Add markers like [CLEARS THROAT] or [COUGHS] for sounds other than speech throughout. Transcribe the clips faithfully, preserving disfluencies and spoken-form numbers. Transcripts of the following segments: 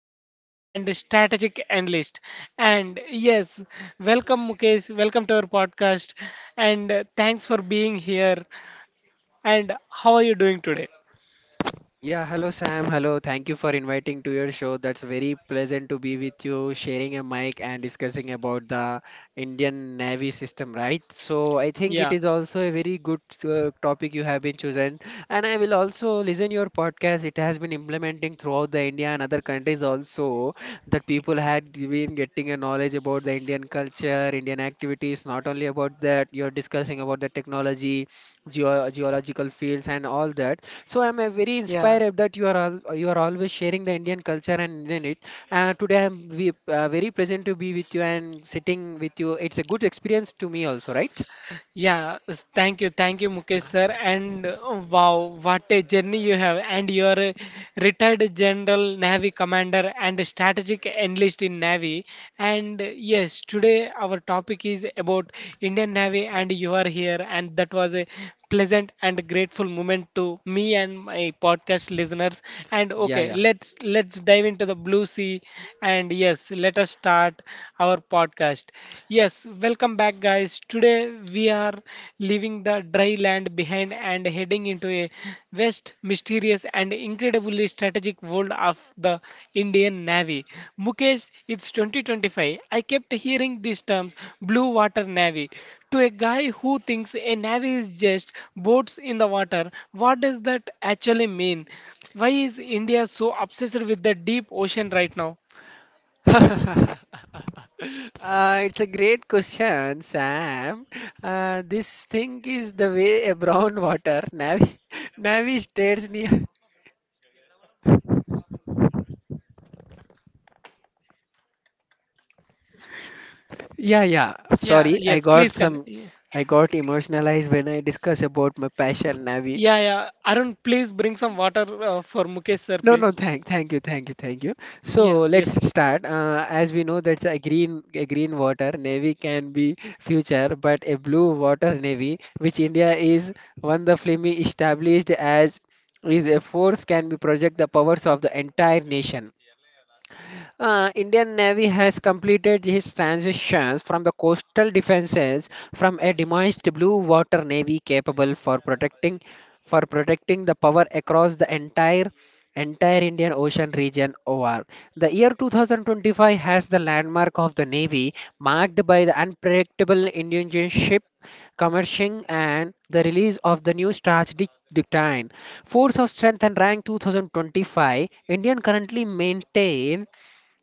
commander, and strategic analyst. And yes, welcome, Mukesh. Welcome to our podcast. And uh, thanks for being here. And how are you doing today? Yeah, hello Sam. Hello. Thank you for inviting to your show. That's very pleasant to be with you, sharing a mic and discussing about the Indian Navy system, right? So I think it Yeah. is also a very good uh, topic you have been chosen, and I will also listen your podcast. It has been implementing throughout the India and other countries also that people had been getting a knowledge about the Indian culture, Indian activities. Not only about that, you're discussing about the technology, geo geological fields, and all that. So I'm uh, very Yeah. inspired that you are al- you are always sharing the Indian culture and Indian it. Uh, today I'm we, uh, very present to be with you and sitting with you. It's a good experience to me also, right? Yeah, s- thank you, thank you, Mukesh sir. And uh, wow, what a journey you have! And you are a retired General Navy Commander and a strategic analyst in Navy. And uh, yes, today our topic is about Indian Navy, and you are here, and that was a pleasant and grateful moment to me and my podcast listeners. And okay, Yeah, let's let's dive into the blue sea, and yes, let us start our podcast. Yes, welcome back, guys. Today we are leaving the dry land behind and heading into a vast, mysterious, and incredibly strategic world of the Indian Navy. Mukesh, it's twenty twenty-five. I kept hearing these terms blue water navy. To a guy who thinks a navy is just boats in the water, what does that actually mean? Why is India so obsessed with the deep ocean right now? yeah. [LAUGHS] Uh, it's a great question, Sam. Uh, this thing is the way a brown water Navi [LAUGHS] Navi stares near. Yeah, yeah. Yeah, Sorry, I yes, got please. Con- some. I got emotionalized when I discuss about my passion, Navi. Yeah, yeah. Arun, please bring some water uh, for Mukesh, sir, No, no, please. thank, thank you, thank you, thank you. So Yeah, let's yes, sir. start. Uh, as we know, that's a green, a green water navy can be future, but a blue water navy, which India is one the Flemi established as, is a force can be project the powers of the entire nation. Uh, Indian Navy has completed his transitions from the coastal defenses from a demised blue water navy capable for protecting for protecting the power across the entire entire Indian Ocean region over. The year twenty twenty-five has the landmark of the navy marked by the unpredictable Indian ship commercial and the release of the new strategic decline. Force of strength and rank twenty twenty-five, Indian currently maintain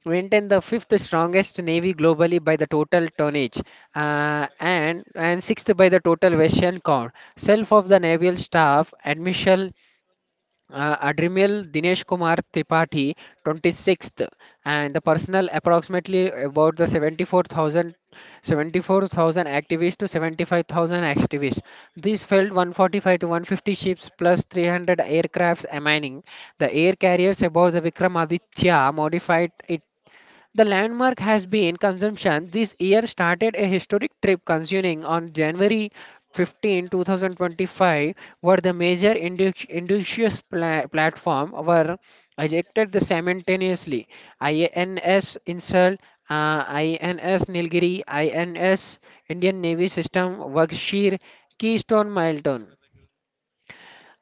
Maintain the fifth strongest navy globally by the total tonnage uh, and and sixth by the total vessel count. Self of the naval staff, Admiral uh, Admiral Dinesh Kumar Tripathi, twenty-sixth, and the personnel approximately about the seventy four thousand seventy four thousand seventy-four thousand activists to seventy-five thousand activists. These filled one forty-five to one fifty ships plus three hundred aircrafts, mining the air carriers above the Vikramaditya modified it the landmark has been consumption. This year started a historic trip consuming on January fifteenth, twenty twenty-five, where the major indu- indigenous pla- platform were ejected simultaneously. I N S Insult, uh, I N S Nilgiri, I N S Indian Navy System, Wakshir, Keystone Milestone.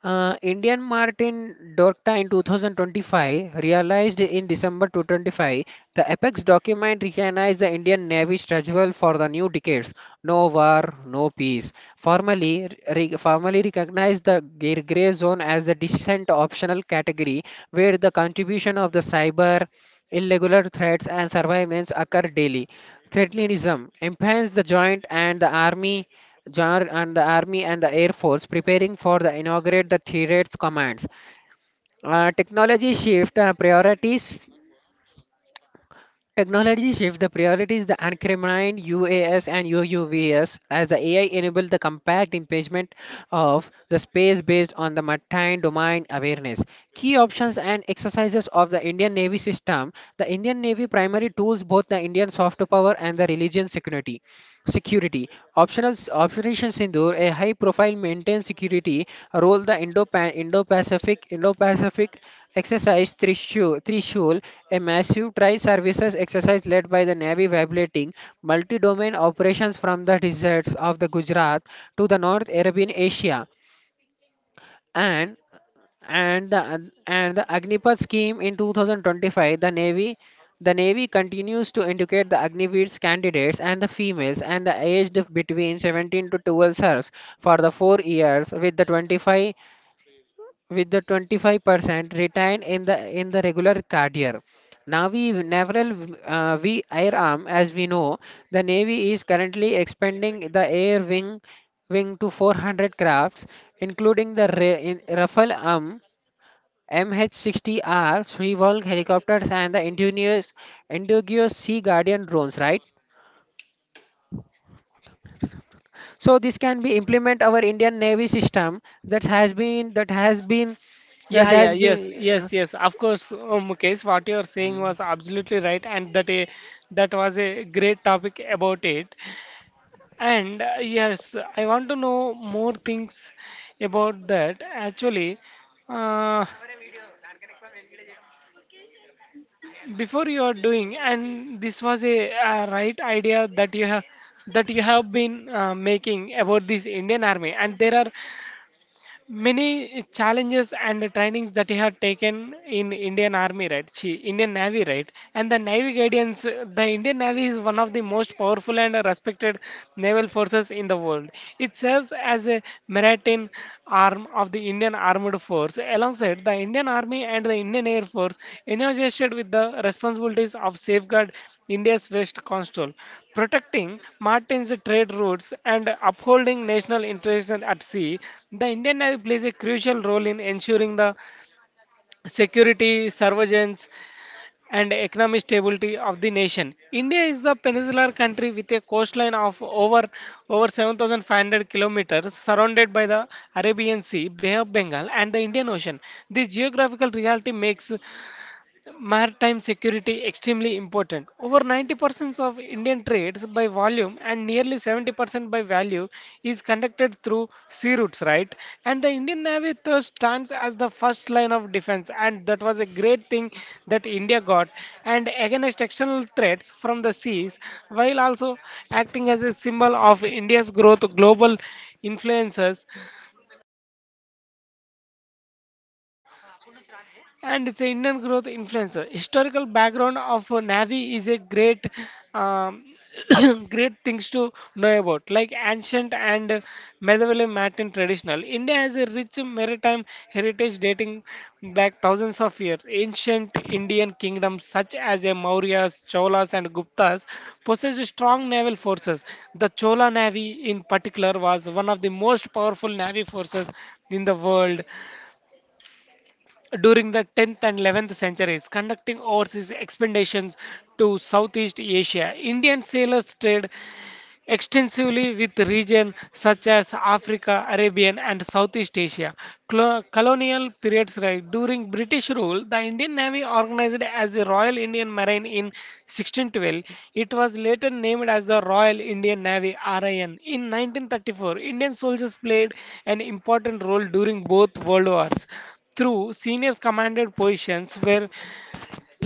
Uh, Indian Martin Dorta in two thousand twenty-five realized in December twenty twenty-five the apex document recognized the Indian Navy's struggle for the new decades no war, no peace. Formally, re- formally recognized the gray gray zone as the decent optional category where the contribution of the cyber, irregular threats, and surveillance occur daily. Threatlinism enhanced the joint and the army Jar and the Army and the Air Force preparing for the inaugurate the terrorist commands. Uh, technology shift uh, priorities. Technology shift the priorities the uncriminalized U A S and U U Vs as the A I enable the compact impingement of the space based on the maritime domain awareness. Key options and exercises of the Indian Navy system. The Indian Navy primary tools both the Indian soft power and the religion security. Security. Optional Operation Sindoor, a high-profile maintained security role the Indo-Pan- Indo-Pacific Indo-Pacific exercise Trishul, Trishul, a massive tri-services exercise led by the Navy violating multi-domain operations from the deserts of the Gujarat to the North Arabian Asia. And and the and the Agnipath scheme in two thousand twenty-five, the Navy the Navy continues to educate the Agniveers candidates and the females and the aged between seventeen to twelve serves for the four years with the twenty-five with the twenty-five percent retained in the in the regular card year. Navy Naval uh, V Air Arm, as we know, the Navy is currently expanding the air wing wing to four hundred crafts, including the Ra- in- Rafale arm M H sixty R, Seawolf helicopters, and the indigenous, indigenous Sea Guardian drones, right? So this can be implement our Indian Navy system that has been that has been that Yeah, yeah, has yes, been. Uh, yes, yes. Of course, uh, Mukesh, what you are saying was mm. absolutely right, and that a, that was a great topic about it. And uh, yes, I want to know more things about that. Actually, uh, before you are doing, and this was a, uh right idea that you have that you have been uh, making about this Indian Army, and there are many challenges and trainings that he had taken in Indian Army, right? She, Indian Navy, right? And the Navy Guardians, the Indian Navy is one of the most powerful and respected naval forces in the world. It serves as a maritime arm of the Indian Armed armed force alongside the Indian Army and the Indian Air Force, entrusted with the responsibilities of safeguard India's West Coastal, protecting Martin's trade routes and upholding national interests at sea. The Indian Navy plays a crucial role in ensuring the security, surveillance, and economic stability of the nation. India is the peninsular country with a coastline of over over seven thousand five hundred kilometers, surrounded by the Arabian Sea, Bay of Bengal, and the Indian Ocean. This geographical reality makes maritime security extremely important. Over ninety percent of Indian trades by volume and nearly seventy percent by value is conducted through sea routes, right? And the Indian Navy thus stands as the first line of defense, and that was a great thing that India got. And against external threats from the seas, while also acting as a symbol of India's growth, global influences and it's an Indian growth influencer. Historical background of uh, Navi is a great, um, [COUGHS] great things to know about, like ancient and uh, medieval maritime traditional. India has a rich maritime heritage dating back thousands of years. Ancient Indian kingdoms such as the Mauryas, Cholas, and Guptas possessed strong naval forces. The Chola Navy, in particular, was one of the most powerful navy forces in the world during the tenth and eleventh centuries, conducting overseas expeditions to Southeast Asia. Indian sailors trade extensively with regions such as Africa, Arabian, and Southeast Asia. Clo- colonial periods, right? During British rule, the Indian Navy organized as the Royal Indian Marine in sixteen twelve. It was later named as the Royal Indian Navy (R I N). In nineteen thirty-four, Indian soldiers played an important role during both world wars through senior commanded positions where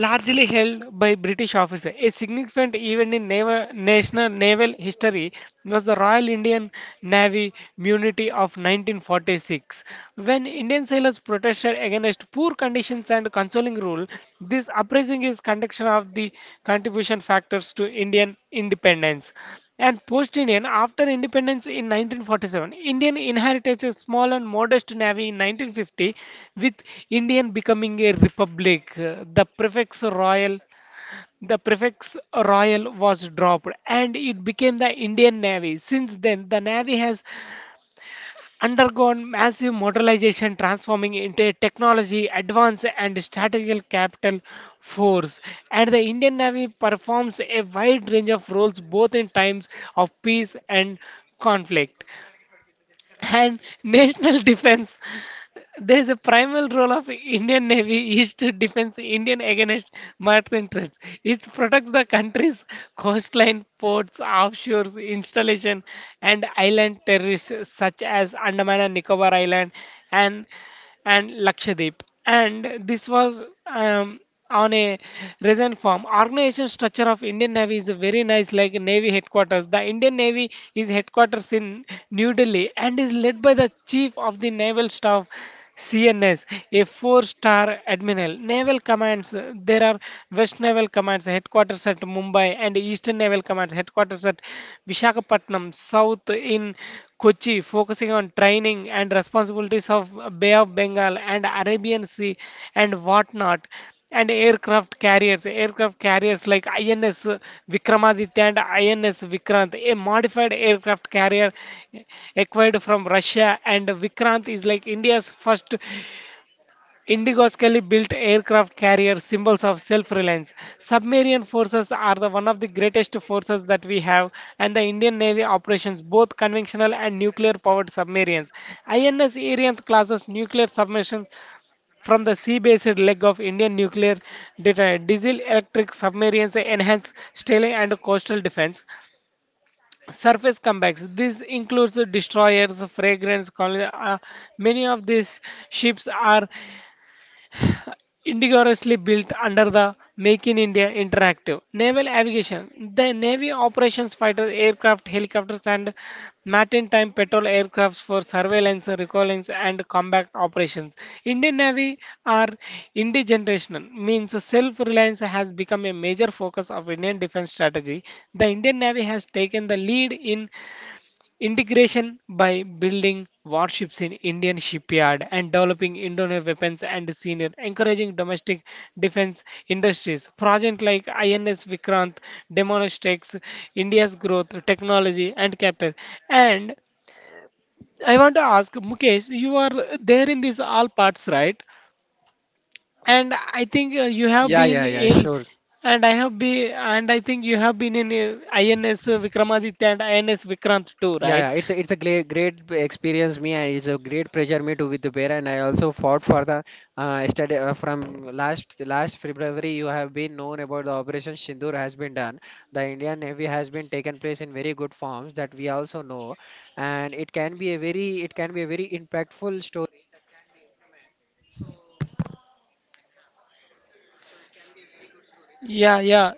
largely held by British officers. A significant event in naval, national naval history was the Royal Indian Navy Mutiny of nineteen forty-six. When Indian sailors protested against poor conditions and controlling rule, this uprising is conduction of the contribution factors to Indian independence and post-Indian after independence in nineteen forty-seven. Indian inherited a small and modest navy in nineteen fifty, with Indian becoming a republic. The prefix royal the prefix royal was dropped and it became the Indian Navy. Since then, the Navy has undergone massive modernization, transforming into a technology advance and strategical capital force. And the Indian Navy performs a wide range of roles both in times of peace and conflict. And [LAUGHS] national defense there is a primal role of Indian Navy is to defend Indian against maritime threats. It protects the country's coastline, ports, offshores, installation, and island terrorists such as Andaman and Nicobar Island and and Lakshadweep. And this was um, on a resin form. Organization structure of Indian Navy is very nice, like Navy headquarters. The Indian Navy is headquarters in New Delhi and is led by the Chief of the Naval Staff. C N S, a four-star admiral. Naval commands, uh, there are West Naval Commands headquarters at Mumbai and Eastern Naval Commands headquarters at Visakhapatnam, South in Kochi, focusing on training and responsibilities of Bay of Bengal and Arabian Sea and whatnot, and aircraft carriers. Aircraft carriers like I N S Vikramaditya and I N S Vikrant, a modified aircraft carrier acquired from Russia, and Vikrant is like India's first Indigoskelly built aircraft carriers, symbols of self-reliance. Submarine forces are the one of the greatest forces that we have, and the Indian Navy operations both conventional and nuclear-powered submarines. I N S Ariant classes nuclear submersions from the sea-based leg of Indian nuclear deterrent. Diesel-electric submarines enhance sailing and coastal defense. Surface comebacks. This includes the destroyers, fragrance, colony- uh, many of these ships are indigenously built under the Make in India Interactive Naval Aviation, the Navy operations fighter aircraft, helicopters, and maritime patrol aircrafts for surveillance, reconnaissance, and combat operations. Indian Navy are indigenerational, means self-reliance has become a major focus of Indian defense strategy. The Indian Navy has taken the lead in integration by building warships in Indian shipyard and developing Indonesian weapons and senior encouraging domestic defense industries. Project like I N S Vikrant demonstrates India's growth, technology and capital. And I want to ask Mukesh, you are there in these all parts, right? And I think uh, you have Yeah, been yeah, yeah. in, Sure, and I have been, and I think you have been in uh, I N S Vikramaditya and I N S Vikrant too, Yeah, right? yeah, it's a, it's a great great experience me and it's a great pleasure me to with the bear and I also fought for the uh, study uh, from last last February you have been known about the Operation Sindoor has been done. The Indian Navy has been taken place in very good forms that we also know and it can be a very it can be a very impactful story. Yeah, yeah,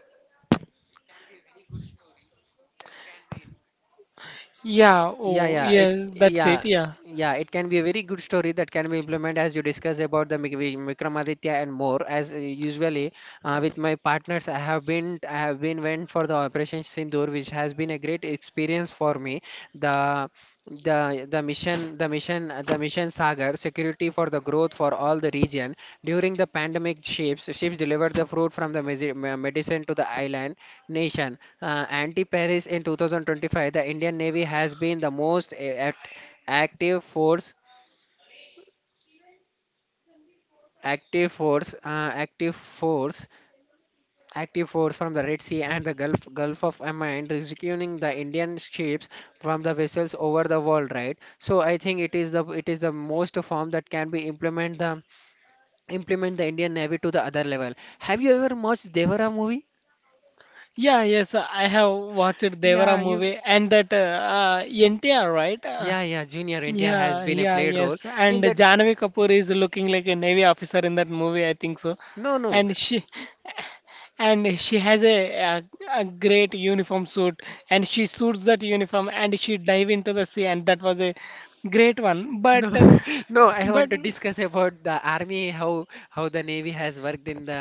yeah. Yeah, Oh, yeah, it, yes, that's yeah, it. Yeah, yeah, it can be a very good story that can be implemented as you discuss about the Mik- Vi- Vikramaditya and more. As uh, usually uh, with my partners, I have been, I have been went for the Operation Sindoor, which has been a great experience for me. The the the mission the mission the mission sagar security for the growth for all the region during the pandemic ships ships delivered the fruit from the mesi- me- medicine to the island nation uh, anti-Paris in two thousand twenty-five, the Indian Navy has been the most a- act- active force, active force, uh, active force, active force from the Red Sea and the Gulf Gulf of Oman, rescuing the Indian ships from the vessels over the world. Right. So I think it is the it is the most form that can be implement the implement the Indian Navy to the other level. Have you ever watched Devara movie? yeah, yes. I have watched Devara Yeah, you. movie and that uh, uh, N T R, right? Uh, Yeah, yeah. Junior N T R has yeah, been a yeah, played role yes. in And that. Janvi Kapoor is looking like a Navy officer in that movie, I think so. No, no. And she, and she has a, a, a great uniform suit, and she suits that uniform, and she dive into the sea, and that was a great one. No, But, [LAUGHS] no, I want but, to discuss about the army, how how the navy has worked in the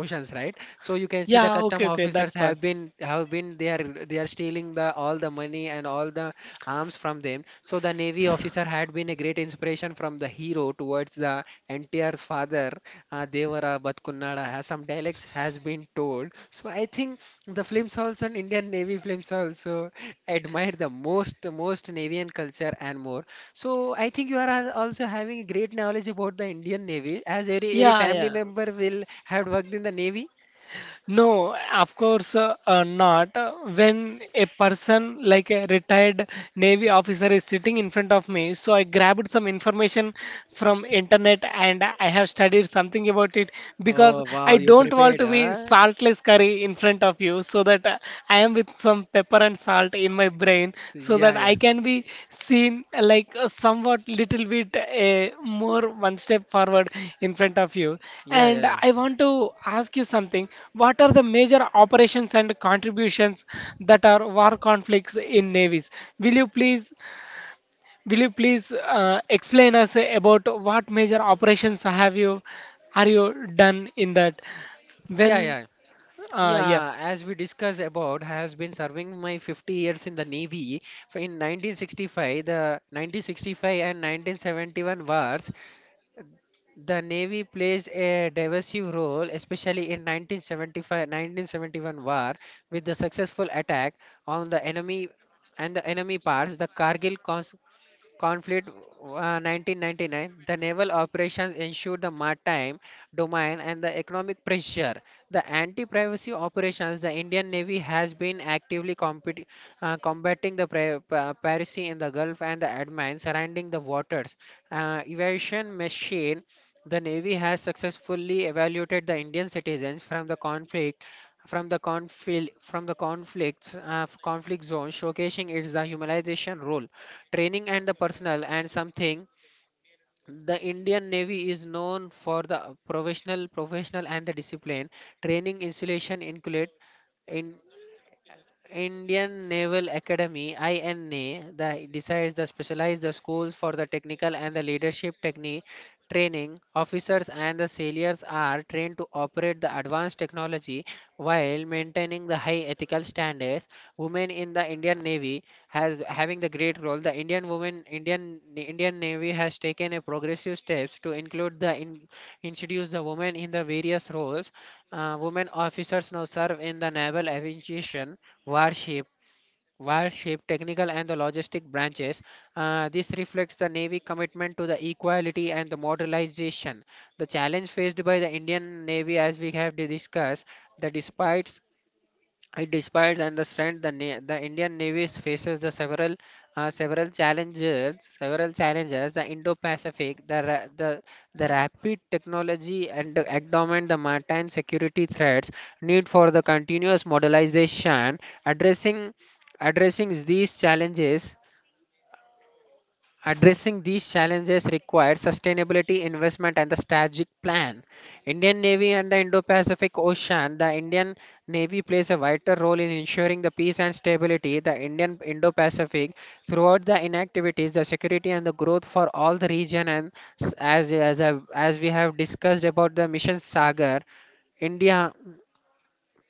oceans, right? So you can see the yeah, custom okay, okay, officers that part. have been have been they are they are stealing the all the money and all the arms from them. So the navy officer had been a great inspiration from the hero towards the N T R's father, uh, Devara Batkunnada, has some dialects has been told. So I think the films also and Indian Navy films also I admire the most most navy and culture and more. So I think you are al- also having great knowledge about the Indian Navy, as every every Yeah, family yeah. member will have worked in the Navy. No, of course uh, uh, not. Uh, When a person like a retired Navy officer is sitting in front of me, so I grabbed some information from internet and I have studied something about it because Oh wow, I you don't want prepared, to be huh? saltless curry in front of you so that uh, I am with some pepper and salt in my brain so Yeah, that yeah, I can be seen uh, like a somewhat little bit uh, more one step forward in front of you. yeah, And yeah, yeah, I want to ask you something. What are the major operations and contributions that are war conflicts in navies? Will you please, will you please uh, explain us about what major operations have you, are you done in that? yeah, When, yeah. uh, yeah. Yeah, as we discussed about, has been serving my fifty years in the Navy. For In nineteen sixty-five, the nineteen sixty-five and nineteen seventy-one wars. The Navy plays a divisive role, especially in nineteen seventy-five-nineteen seventy-one war, with the successful attack on the enemy and the enemy parts. The Kargil cons- conflict uh, nineteen ninety-nine the naval operations ensured the maritime domain and the economic pressure the anti-piracy operations the Indian Navy has been actively compet- uh, combating the pri- pa- piracy in the gulf and the admin surrounding the waters uh, evasion machine the Navy has successfully evaluated the Indian citizens from the conflict from the conflict from the conflicts uh, f- conflict zone showcasing its the humanization role training and the personal and something. The Indian Navy is known for the professional professional and the discipline training installation include in Indian Naval Academy (I N A) that decides the specialized the schools for the technical and the leadership technique training. Officers and the sailors are trained to operate the advanced technology while maintaining the high ethical standards. Women in the Indian Navy has having the great role the indian women indian the Indian Navy has taken a progressive steps to include the in, introduce the women in the various roles. Uh, women officers now serve in the naval aviation warship warship technical and the logistic branches. Uh, this reflects the navy commitment to the equality and the modernization the challenge faced by the Indian Navy as we have discussed that despite it despite and the strength the, na- the Indian Navy faces the several uh, several challenges several challenges the Indo-Pacific the ra- the the rapid technology and the endowment the maritime security threats need for the continuous modernization addressing addressing these challenges Addressing these challenges required sustainability investment and the strategic plan. Indian Navy and the Indo-Pacific Ocean. The Indian Navy plays a vital role in ensuring the peace and stability the Indian Indo-Pacific throughout the inactivities, the security and the growth for all the region. And s- as as I- as we have discussed about the mission Sagar, India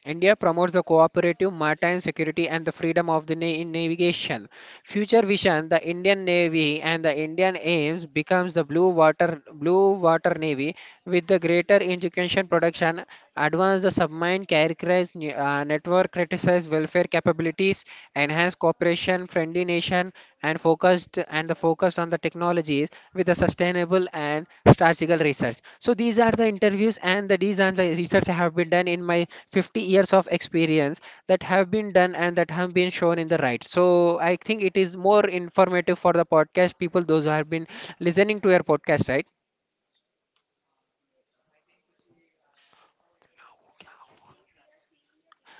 India promotes the cooperative maritime security and the freedom of the na- in navigation. Future vision: The Indian Navy and the Indian aims becomes the blue water blue water navy with the greater education production, advance the submarine characterized ne- uh, network, criticize welfare capabilities, enhance cooperation, friendly nation, and focused and the focus on the technologies with the sustainable and strategical research. So these are the interviews and the these are the research I have been done in my fifty years of experience that have been done and that have been shown in the right. So I think it is more informative for the podcast people, those who have been listening to your podcast, right?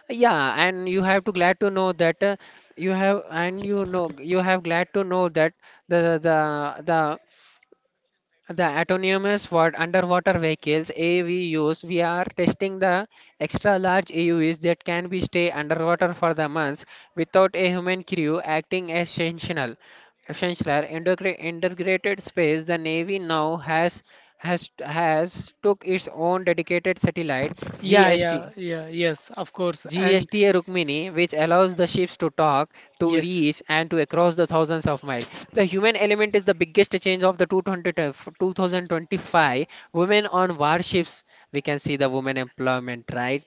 Yeah, and you have to glad to know that uh, you have and you know you have glad to know that the the the The autonomous wa- underwater vehicles A V Us, we are testing the extra large A U Vs that can be stay underwater for the months without a human crew acting as essential. Essential integra- integrated space, the Navy now has has has took its own dedicated satellite Yeah, yeah, G S T. yeah, yes, of course. And G S T A Rukmini, which allows the ships to talk, to yes, reach, and to across the thousands of miles. The human element is the biggest change of the two thousand twenty-five, women on warships. We can see the women employment, right?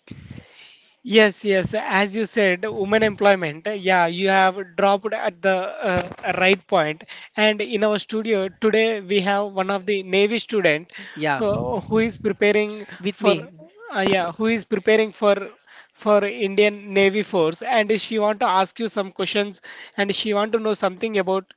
yes, yes. As you said, women employment. Yeah, you have dropped at the uh, right point. And in our studio today, we have one of the Navy student Yeah, who, who is preparing with for, me. uh, yeah, who is preparing for for Indian Navy Force, and she want to ask you some questions, and she want to know something about.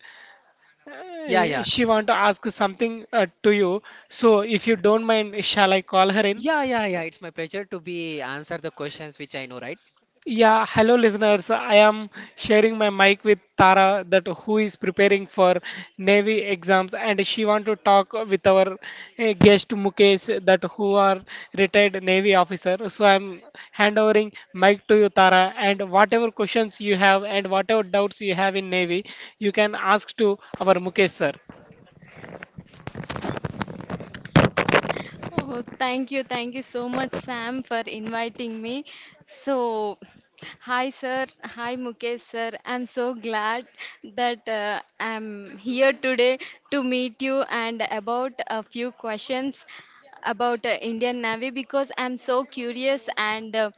Yeah, Uh, yeah. She want to ask something uh, to you. So, if you don't mind, shall I call her in? Yeah, yeah, yeah. It's my pleasure to be answer the questions which I know, right? Yeah, hello listeners. I am sharing my mic with Tara that who is preparing for Navy exams and she want to talk with our eh, guest Mukesh that who are retired Navy officer. So I'm handovering mic to you Tara and whatever questions you have and whatever doubts you have in Navy, you can ask to our Mukesh sir. Me. So, yes, sir, I'm so glad that uh, I'm here today to talk about few questions about careers and uh,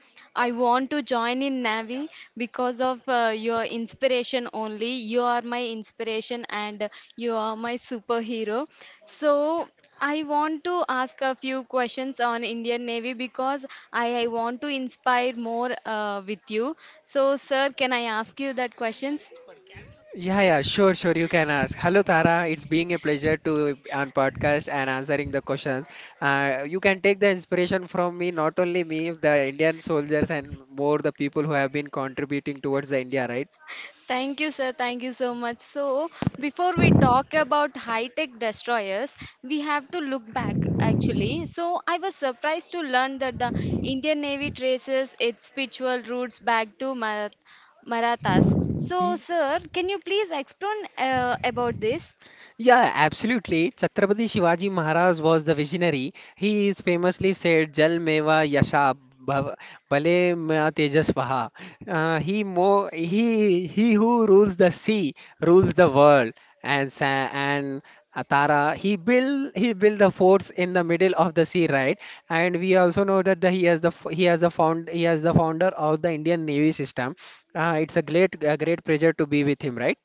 in Navi, because of uh, your inspiration only. You are my inspiration and you are my superhero. So, I want to ask a few questions on Indian Navy because I, I want to inspire more uh, with you. So, sir, can I ask you that question? Yeah, yeah, sure, sure. You can ask. Hello, Tara. It's being a pleasure to on podcast and answering the questions. Uh, you can take the inspiration from me, not only me, the Indian soldiers and more the people who have been contributing towards the India, right? Thank you, sir. Thank you so much. So, before we talk about high tech destroyers, we have to look back actually. So, I was surprised to learn that the Indian Navy traces its spiritual roots back to Mar- Marathas. So, Ye- sir, can you please explain uh, about this? Yeah, absolutely. Chhatrapati Shivaji Maharaj was the visionary. He is famously said, Jal meva yasha bhav- bhale mea tejasvaha. Uh, he, mo- he, he who rules the sea rules the world. And, sa- and Atara, he built he built the forts in the middle of the sea, right? And we also know that the, he has the f- he has the found he has the founder of the Indian Navy system. Uh, it's a great A great pleasure to be with him, right?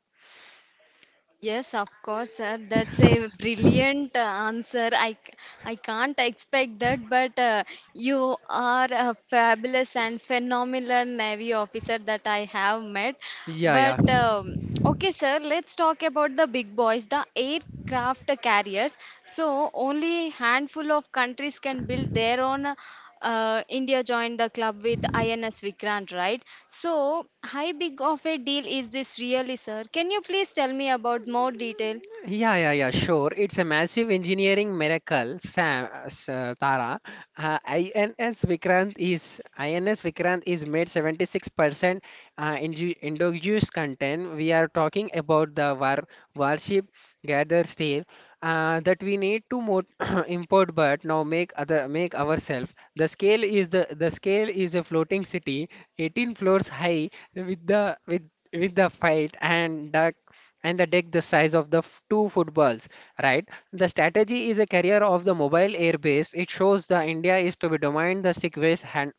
Yes, of course, sir. That's a brilliant uh, answer. I, c- I can't expect that, but uh, you are a fabulous and phenomenal Navy officer that I have met. Yeah, yeah. But um, okay, sir, let's talk about the big boys, the aircraft carriers. So, only handful of countries can build their own uh, India joined the club with I N S Vikrant, right? So, how big of a deal is this really, sir? Can you please tell me about more detail? Yeah, yeah, yeah, sure. It's a massive engineering miracle, Sam, uh, S- uh, Tara. Uh, I N S Vikrant is I N S Vikrant is made seventy-six percent uh, indu- induced content. We are talking about the war warship gather steel uh, that we need to mo [CLEARS THROAT] import, but now make other make ourselves. The scale is the the scale is a floating city, eighteen floors high, with the with with the fight and the and the deck the size of the f- two footballs, right? The strategy is a carrier of the mobile air base. It shows the India is to be dominant the sick waste hand,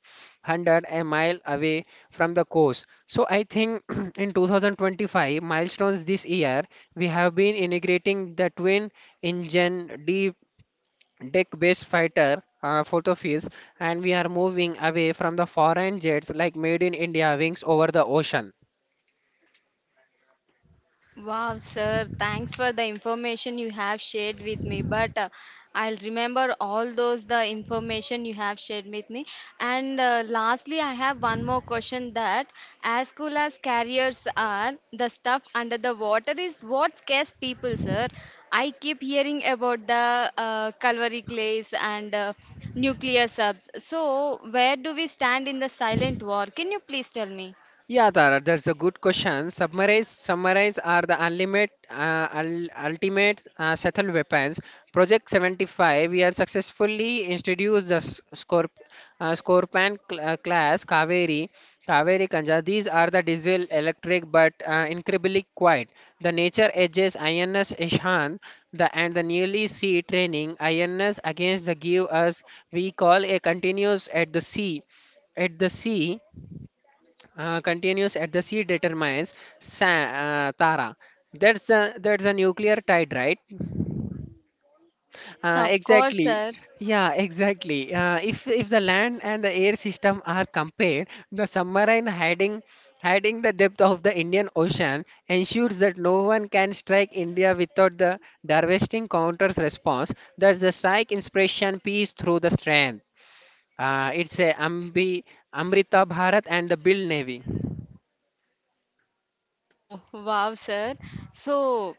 one hundred a mile away from the coast. So I think [CLEARS THROAT] in two thousand twenty-five milestones this year, we have been integrating the twin engine deep deck based fighter uh, photofields, and we are moving away from the foreign jets like made in India wings over the ocean. Wow, sir, thanks for the information you have shared with me. But uh, I'll remember all those the information you have shared with me. And uh, lastly, I have one more question that as cool as carriers are, the stuff under the water is what scares people, sir. I keep hearing about the uh, Calvary clays and uh, nuclear subs. So, where do we stand in the silent war? Can you please tell me? Yeah, Tara, that's a good question. Submarines, submarines are the ultimate, uh, ul- ultimate uh, lethal weapons. Project seventy-five, we have successfully introduced the s- Scorp uh, Scorpion cl- uh, class Kaveri, Kaveri Kanja. These are the diesel electric but uh, incredibly quiet. The nature edges I N S Ishan the, and the nearly sea training I N S against the give us we call a continuous at the sea at the sea uh, continues at the sea determines sa uh, Tara. That's the that's the nuclear tide, right? Yes, Uh, of course, exactly. sir. Yeah, exactly. Uh, if if the land and the air system are compared, the submarine hiding hiding the depth of the Indian Ocean ensures that no one can strike India without the devastating counter's response. That's the strike inspiration peace through the strength. Uh, it's a Ambi, Amrita Bharat and the Bill Navy. Oh, wow, sir. So,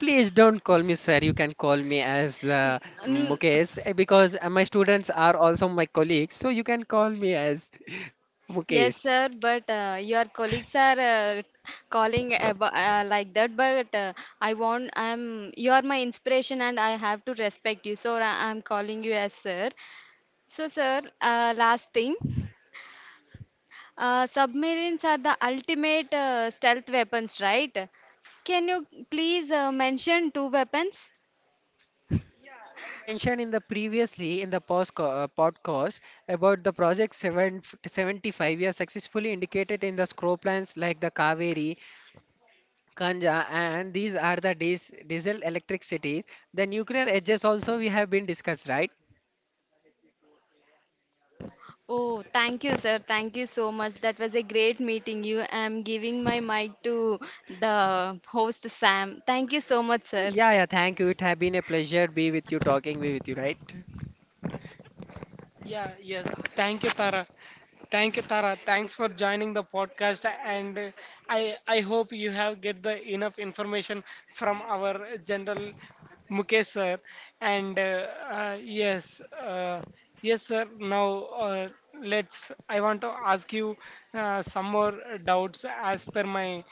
Please don't call me sir. You can call me as uh, Mukesh, mm, eh, because uh, my students are also my colleagues. So you can call me as [LAUGHS] yes, Mukesh. sir, but uh, your colleagues are uh, calling about, uh, like that, but uh, I want, I'm, you are my inspiration and I have to respect you, so I- I'm calling you as sir. So, sir, uh, last thing, uh, submarines are the ultimate uh, stealth weapons, right? Can you please uh, mention two weapons? I mentioned in the previously in the post co- uh, podcast about the project seven seventy-five. seventy-five years successfully indicated in the scroll plans like the Kaveri, Kanja, and these are the dis- diesel electric cities. The nuclear edges also we have been discussed, right? Oh, thank you, sir. Thank you so much. That was a great meeting you. I'm giving my mic to the host, Sam. Thank you so much, sir. Yeah, yeah. Thank you. It have been a pleasure be with you talking with you, right? Yeah, yes. Thank you, Tara. Thank you, Tara. Thanks for joining the podcast, and uh, I I hope you have get the enough information from our General Mukesh sir. And uh, uh, yes, uh, yes, sir. Now uh, let's. I want to ask you uh, some more doubts as per my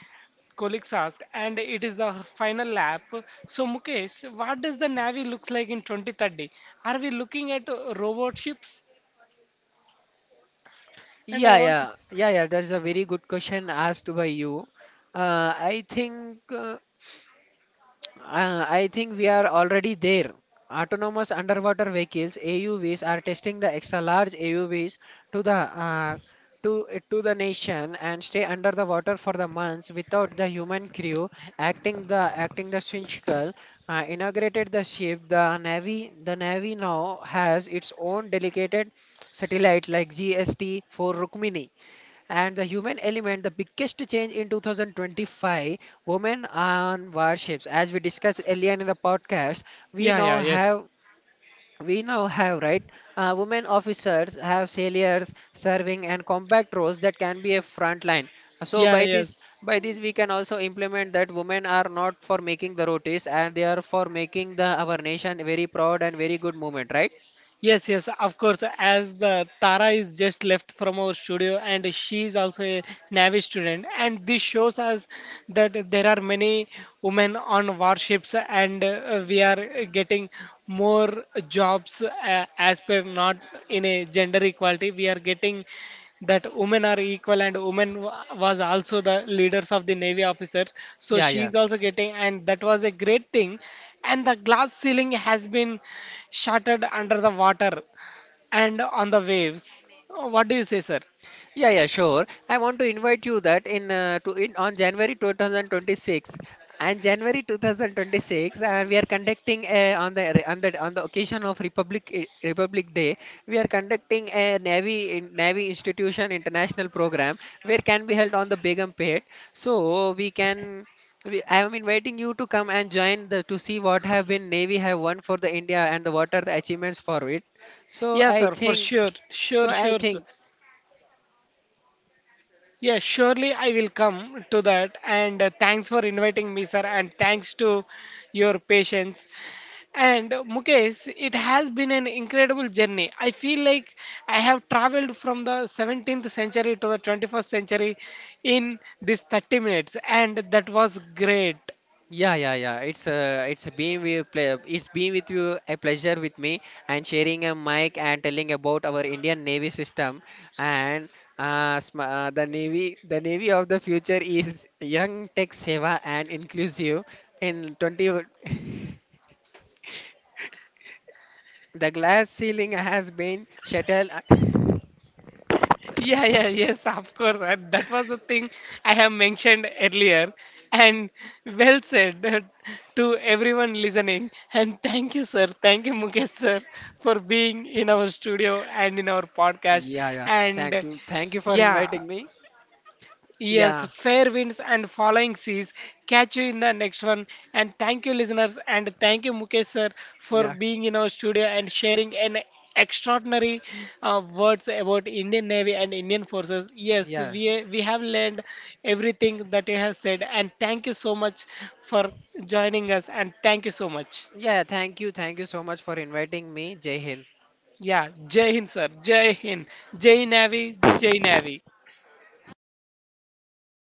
colleagues ask, and it is the final lap. So, Mukesh, what does the Navy looks like in twenty thirty? Are we looking at uh, robot ships? And I Yeah, want, yeah, yeah, yeah. That's a very good question asked by you. Uh, I think uh, uh, I think we are already there. Autonomous underwater vehicles (A U Vs) are testing the extra large A U Vs to the uh, to to the nation and stay under the water for the months without the human crew acting the acting the single. Uh, inaugurated the ship. The navy the navy now has its own dedicated satellite like G S T for Rukmini, and the human element, the biggest change in two thousand twenty-five, women on warships. As we discussed earlier in the podcast, we yeah, now yeah, yes, have we now have, right, uh, women officers have sailors serving and combat roles that can be a front line. So yeah, by this, yes. by this we can also implement that women are not for making the rotis and they are for making the our nation very proud and very good movement, right? Yes, yes, of course. As the Tara is just left from our studio, and she is also a Navy student, and this shows us that there are many women on warships, and uh, we are getting more jobs uh, as per not in a gender equality. We are getting that women are equal, and women wa- was also the leaders of the Navy officers. So Yeah, she yeah. is also getting, and that was a great thing. And the glass ceiling has been shattered under the water and on the waves. What do you say, sir? Yeah, yeah, sure. I want to invite you that in uh, to in on January two thousand twenty-six, and January twenty twenty-six, and we are conducting a, on the on the on the occasion of Republic eh, Republic Day, we are conducting a Navy in- Navy Institution International program where can be held on the Begumpet. So we can. We, I am inviting you to come and join the to see what have been Navy have won for the India and the what are the achievements for it. So Yes, I sir, for think. sure, So sure, I sure, sir. think Yeah, surely I will come to that. And uh, thanks for inviting me, sir. And thanks to your patience. And uh, Mukesh, it has been an incredible journey. I feel like I have traveled from the seventeenth century to the twenty-first century in these thirty minutes. And that was great. Yeah, yeah, yeah. It's uh, it's been with ple- it's been with you a pleasure with me and sharing a mic and telling about our Indian Navy system and uh, sm- uh, the Navy the Navy of the future is young, tech seva and inclusive in twenty o- [LAUGHS] the glass ceiling has been shattered. Yeah, yeah, yes, of course. And that was the thing I have mentioned earlier. And well said [LAUGHS] to everyone listening. And thank you, sir. Thank you, Mukesh, sir, for being in our studio and in our podcast. Yeah, yeah. Thank And you. Thank you for yeah, inviting me. yes, Yeah, fair winds and following seas. Catch you in the next one. And thank you, listeners. And thank you, Mukesh sir, for yeah, being in our studio and sharing an extraordinary uh, words about Indian Navy and Indian forces. Yes, yeah. we we have learned everything that you have said. And thank you so much for joining us. And thank you so much. Yeah, thank you. Thank you so much for inviting me. Jai Hind. Yeah, Jai Hind, sir. Jai Hind. Jai Navy. Jai Navy.